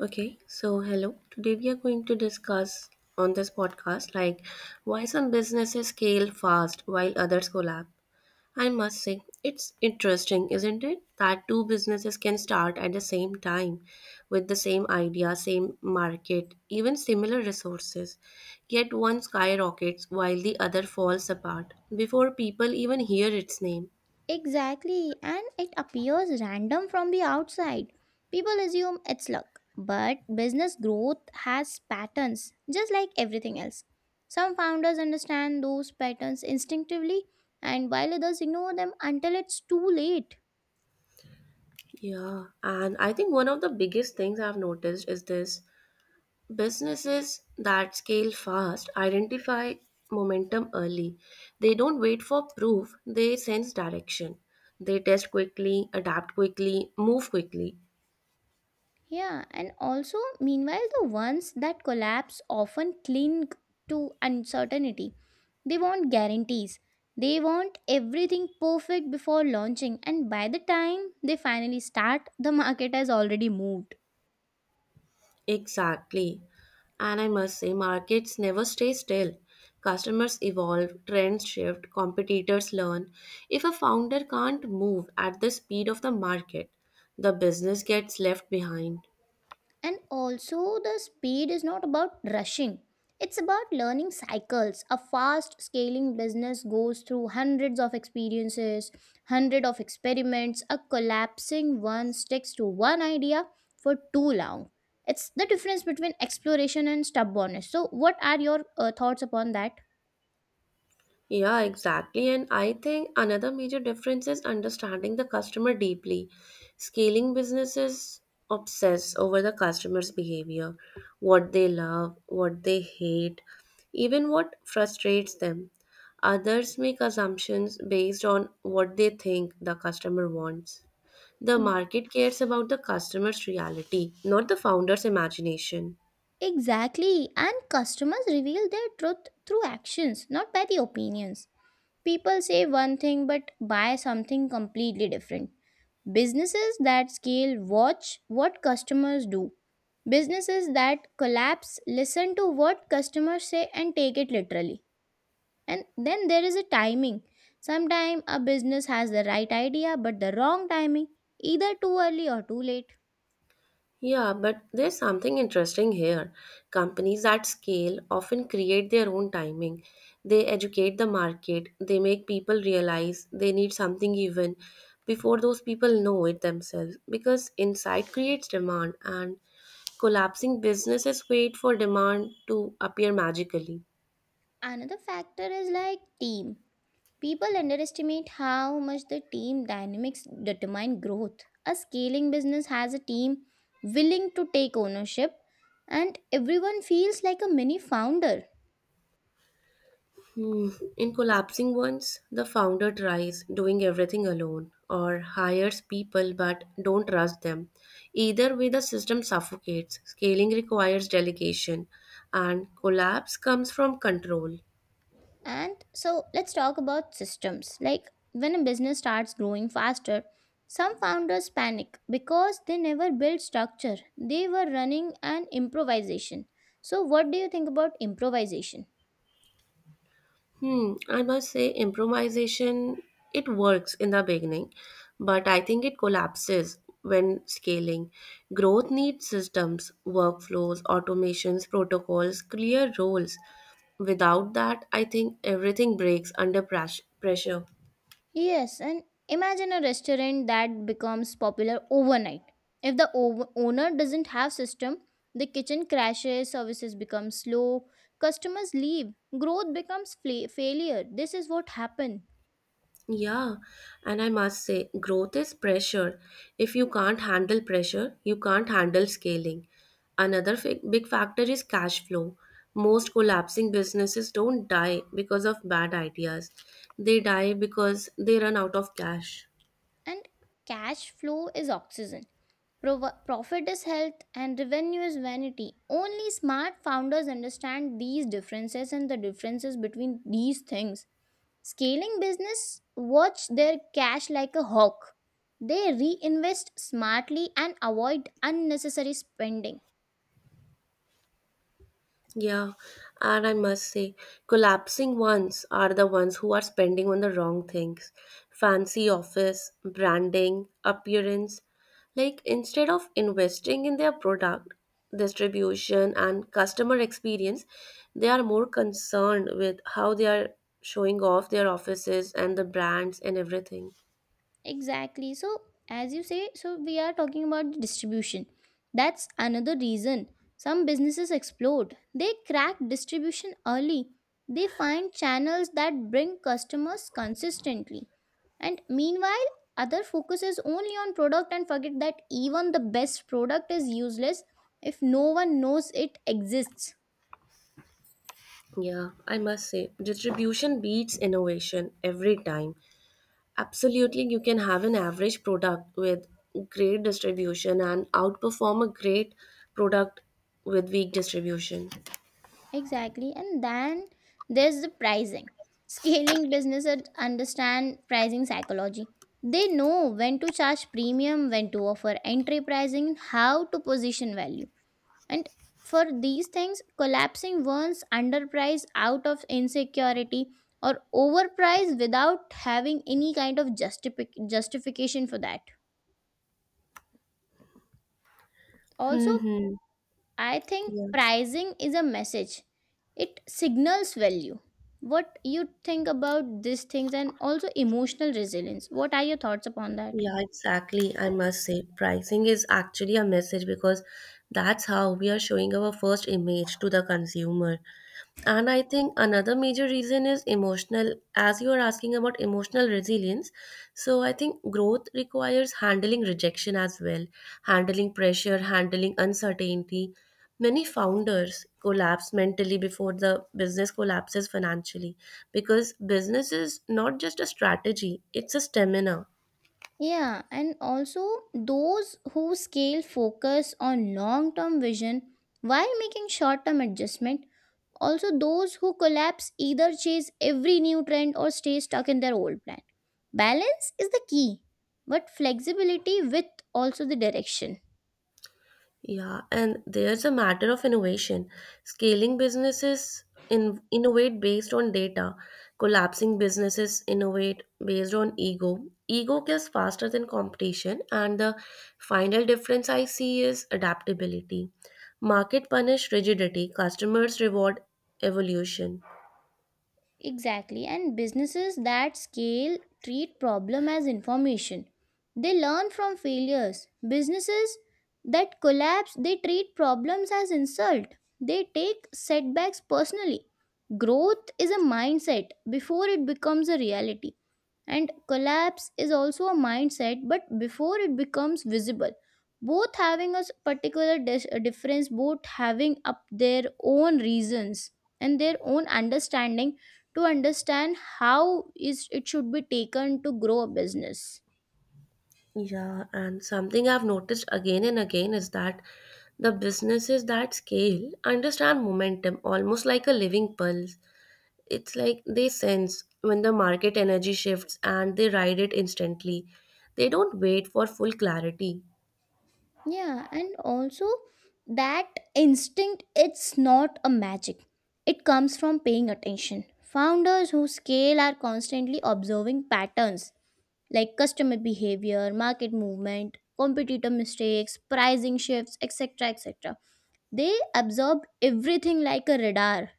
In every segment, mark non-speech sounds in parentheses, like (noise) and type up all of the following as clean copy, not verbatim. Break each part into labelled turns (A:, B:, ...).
A: Okay, so hello. Today we are going to discuss on this podcast, like, why some businesses scale fast while others collapse. I must say, it's interesting, isn't it? That two businesses can start at the same time with the same idea, same market, even similar resources. Yet one skyrockets while the other falls apart before people even hear its name.
B: Exactly, and it appears random from the outside. People assume it's luck, but business growth has patterns, just like everything else. Some founders understand those patterns instinctively, and while others ignore them until it's too late.
A: Yeah, and I think one of the biggest things I've noticed is this: businesses that scale fast identify momentum early. They don't wait for proof, they sense direction. They test quickly, adapt quickly, move quickly.
B: Yeah, and also, meanwhile, the ones that collapse often cling to uncertainty. They want guarantees. They want everything perfect before launching, and by the time they finally start, the market has already moved.
A: Exactly. And I must say, markets never stay still. Customers evolve, trends shift, competitors learn. If a founder can't move at the speed of the market, the business gets left behind.
B: And also, the speed is not about rushing, it's about learning cycles. A fast scaling business goes through hundreds of experiences, hundreds of experiments. A collapsing one sticks to one idea for too long. It's the difference between exploration and stubbornness. So, what are your thoughts upon that?
A: Yeah, exactly. And I think another major difference is understanding the customer deeply. Scaling businesses obsess over the customer's behavior, what they love, what they hate, even what frustrates them. Others make assumptions based on what they think the customer wants. The market cares about the customer's reality, not the founder's imagination.
B: Exactly, and customers reveal their truth through actions, not by the opinions. People say one thing but buy something completely different. Businesses that scale watch what customers do. Businesses that collapse listen to what customers say and take it literally. And then there is a timing. Sometimes a business has the right idea but the wrong timing, either too early or too late.
A: Yeah, but there's something interesting here. Companies at scale often create their own timing. They educate the market, they make people realize they need something even before those people know it themselves, because insight creates demand, and collapsing businesses wait for demand to appear magically.
B: Another factor is like team. People underestimate how much the team dynamics determine growth. A scaling business has a team willing to take ownership, and everyone feels like a mini founder.
A: Hmm. In collapsing ones, the founder tries doing everything alone or hires people but don't trust them. Either way, the system suffocates. Scaling requires delegation, and collapse comes from control.
B: And so, let's talk about systems. Like when a business starts growing faster, some founders panic because they never built structure, they were running an improvisation. So, what do you think about improvisation?
A: Hmm, I must say improvisation, it works in the beginning, but I think it collapses when scaling. Growth needs systems, workflows, automations, protocols, clear roles. Without that, I think everything breaks under pressure.
B: Yes, and imagine a restaurant that becomes popular overnight. If the owner doesn't have system, the kitchen crashes, services become slow, customers leave, growth becomes failure. This is what happened.
A: Yeah, and I must say, growth is pressure. If you can't handle pressure, you can't handle scaling. Another big factor is cash flow. Most collapsing businesses don't die because of bad ideas, they die because they run out of cash.
B: And cash flow is oxygen. Profit is health and revenue is vanity. Only smart founders understand these differences and the differences between these things. Scaling business watch their cash like a hawk. They reinvest smartly and avoid unnecessary spending.
A: Yeah, and I must say, collapsing ones are the ones who are spending on the wrong things. Fancy office, branding, appearance. Like, instead of investing in their product, distribution, and customer experience, they are more concerned with how they are showing off their offices and the brands and everything.
B: Exactly. So, as you say, so we are talking about the distribution. That's another reason some businesses explode. They crack distribution early. They find channels that bring customers consistently. And meanwhile, other focuses only on product and forget that even the best product is useless if no one knows it exists.
A: Yeah, I must say, distribution beats innovation every time. Absolutely, you can have an average product with great distribution and outperform a great product with weak distribution.
B: Exactly. And then there's the pricing. Scaling businesses understand pricing psychology. They know when to charge premium, when to offer entry pricing, and how to position value. And for these things, collapsing one's underprice out of insecurity or overpriced without having any kind of justification for that. Also,
A: Hmm. Hmm.
B: I think
A: Yeah.
B: pricing is a message, it signals value. What you think about these things, and also emotional resilience, what are your thoughts upon that?
A: Yeah, exactly. I must say, pricing is actually a message, because that's how we are showing our first image to the consumer. And I think another major reason is emotional, as you are asking about emotional resilience. So I think growth requires handling rejection as well, handling pressure, handling uncertainty. Many founders collapse mentally before the business collapses financially, because business is not just a strategy, it's a stamina.
B: Yeah, and also, those who scale focus on long term vision while making short term adjustment. Also those who collapse either chase every new trend or stay stuck in their old plan. Balance is the key, but flexibility with also the direction.
A: Yeah, and there's a matter of innovation. Scaling businesses innovate based on data, collapsing businesses innovate based on ego. Ego kills faster than competition, and the final difference I see is adaptability. Market punish rigidity, customers reward evolution.
B: Exactly. And businesses that scale treat problem as information. They learn from failures. Businesses that collapse, they treat problems as insult. They take setbacks personally. Growth is a mindset before it becomes a reality. And collapse is also a mindset, but before it becomes visible, both having a difference, both having up their own reasons and their own understanding to understand how is it should be taken to grow a business.
A: Yeah, and something I've noticed again and again is that the businesses that scale understand momentum almost like a living pulse. It's like they sense when the market energy shifts and they ride it instantly. They don't wait for full clarity.
B: Yeah, and also that instinct, it's not a magic. It comes from paying attention. Founders who scale are constantly observing patterns like customer behavior, market movement, competitor mistakes, pricing shifts, etc. etc. They absorb everything like a radar.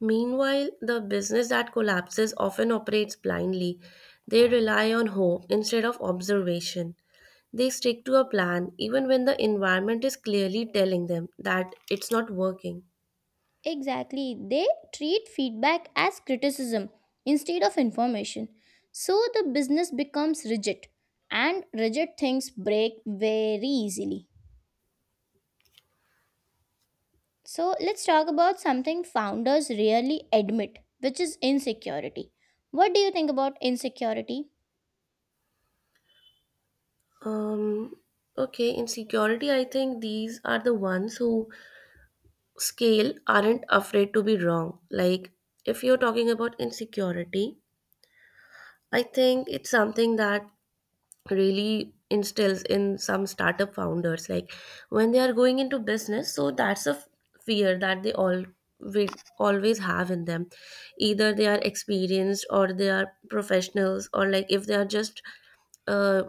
A: Meanwhile, the business that collapses often operates blindly. They rely on hope instead of observation. They stick to a plan even when the environment is clearly telling them that it's not working.
B: Exactly, they treat feedback as criticism instead of information. So the business becomes rigid, and rigid things break very easily. So let's talk about something founders rarely admit, which is insecurity. What do you think about insecurity?
A: Um, okay, in security, I think these are the ones who scale aren't afraid to be wrong. Like, if you're talking about insecurity, I think it's something that really instills in some startup founders. Like, when they are going into business, so that's a fear that they all will always have in them, either they are experienced or they are professionals, or like if they are just uh,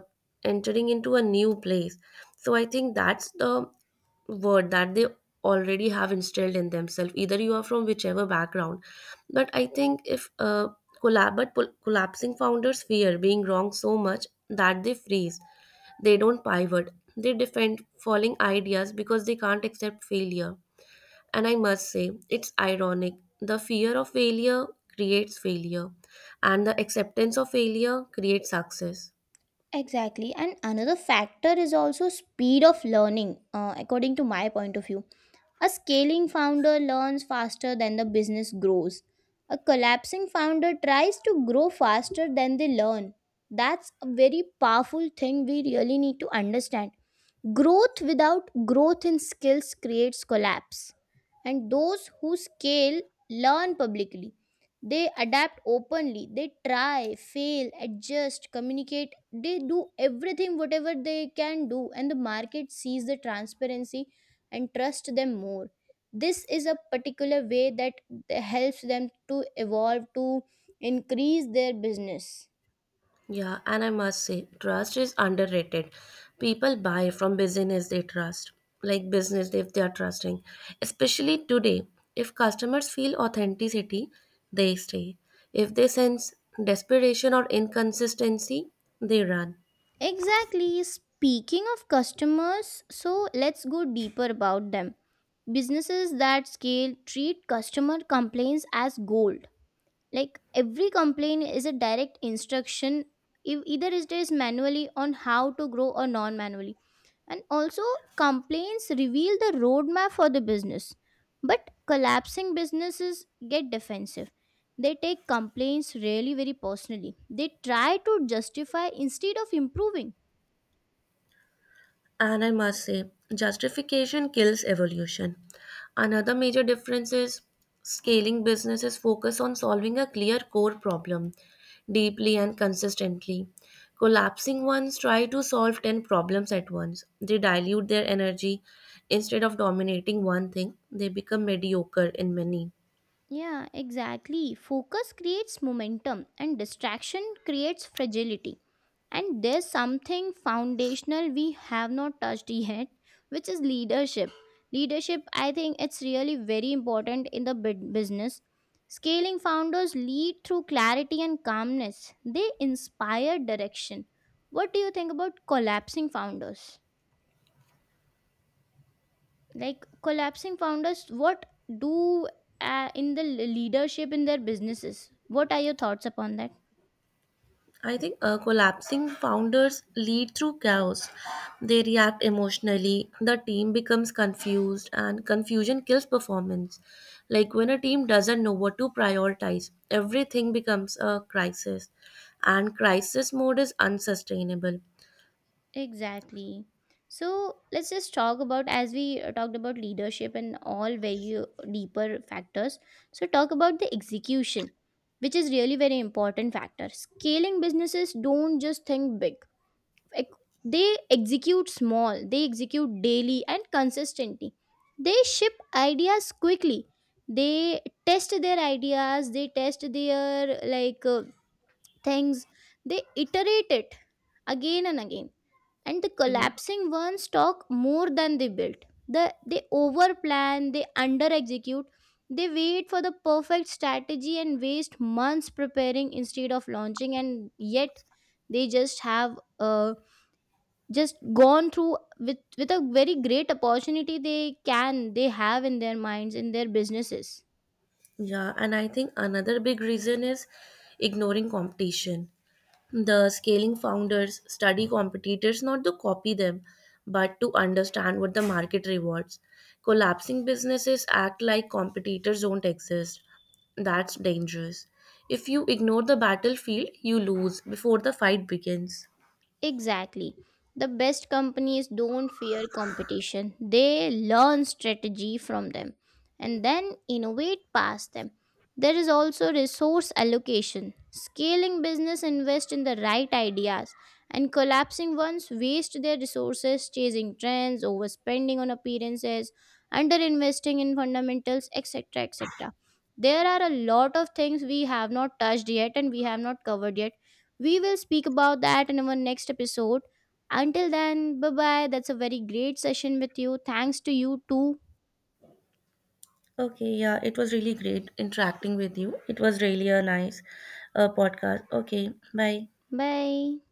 A: entering into a new place. So I think that's the word that they already have instilled in themselves, either you are from whichever background. But I think, if collapsing founders fear being wrong so much that they freeze, they don't pivot, they defend falling ideas because they can't accept failure. And I must say, it's ironic, the fear of failure creates failure, and the acceptance of failure creates success.
B: Exactly. And another factor is also speed of learning, according to my point of view. A scaling founder learns faster than the business grows. A collapsing founder tries to grow faster than they learn. That's a very powerful thing we really need to understand. Growth without growth in skills creates collapse, and those who scale learn publicly. They adapt openly, they try, fail, adjust, communicate. They do everything whatever they can do, and the market sees the transparency and trust them more. This is a particular way that helps them to evolve, to increase their business.
A: Yeah, and I must say, trust is underrated. People buy from business they trust, like business if they are trusting. Especially today, if customers feel authenticity, they stay. If they sense desperation or inconsistency, they run.
B: Exactly. Speaking of customers, so let's go deeper about them. Businesses that scale treat customer complaints as gold. Like every complaint is a direct instruction, if either it is manually on how to grow or non manually. And also, complaints reveal the roadmap for the business. But collapsing businesses get defensive. They take complaints really very personally. They try to justify instead of improving.
A: And I must say, justification kills evolution. Another major difference is scaling businesses focus on solving a clear core problem deeply and consistently. Collapsing ones try to solve 10 problems at once. They dilute their energy. Instead of dominating one thing, they become mediocre in many.
B: Yeah, exactly. Focus creates momentum and distraction creates fragility. And there's something foundational we have not touched (laughs) yet, which is leadership. Leadership, I think it's really very important in the business. Scaling founders lead through clarity and calmness, they inspire direction. What do you think about collapsing founders? Like collapsing founders, what do in the leadership in their businesses, what are your thoughts upon that?
A: I think collapsing founders lead through chaos. They react emotionally, the team becomes confused, and confusion kills performance. Like, when a team doesn't know what to prioritize, everything becomes a crisis, and crisis mode is unsustainable.
B: Exactly. So let's just talk about, as we talked about leadership and all, very deeper factors. So talk about the execution, which is really very important factor. Scaling businesses don't just think big, ec- they execute small, they execute daily and consistently. They ship ideas quickly, they test their ideas, they test their like things, they iterate it again and again, and the
A: Yeah.
B: collapsing ones talk more than they build. They over plan, they under execute. They wait for the perfect strategy and waste months preparing instead of launching, and yet they just have a, just gone through with a very great opportunity they can, they have in their minds in their businesses.
A: Yeah, and I think another big reason is ignoring competition. The scaling founders study competitors not to copy them, but to understand what the market rewards. Collapsing businesses act like competitors don't exist. That's dangerous. If you ignore the battlefield, you lose before the fight begins.
B: Exactly. The best companies don't fear competition. They learn strategy from them and then innovate past them. There is also resource allocation. Scaling business invest in the right ideas, and collapsing ones waste their resources chasing trends, overspending on appearances, underinvesting in fundamentals, etc. etc. There are a lot of things we have not touched yet and we have not covered yet. We will speak about that in our next episode. Until then, bye bye. That's a very great session with you. Thanks to you too.
A: Okay, yeah, it was really great interacting with you. It was really a nice podcast. Okay, bye.
B: Bye.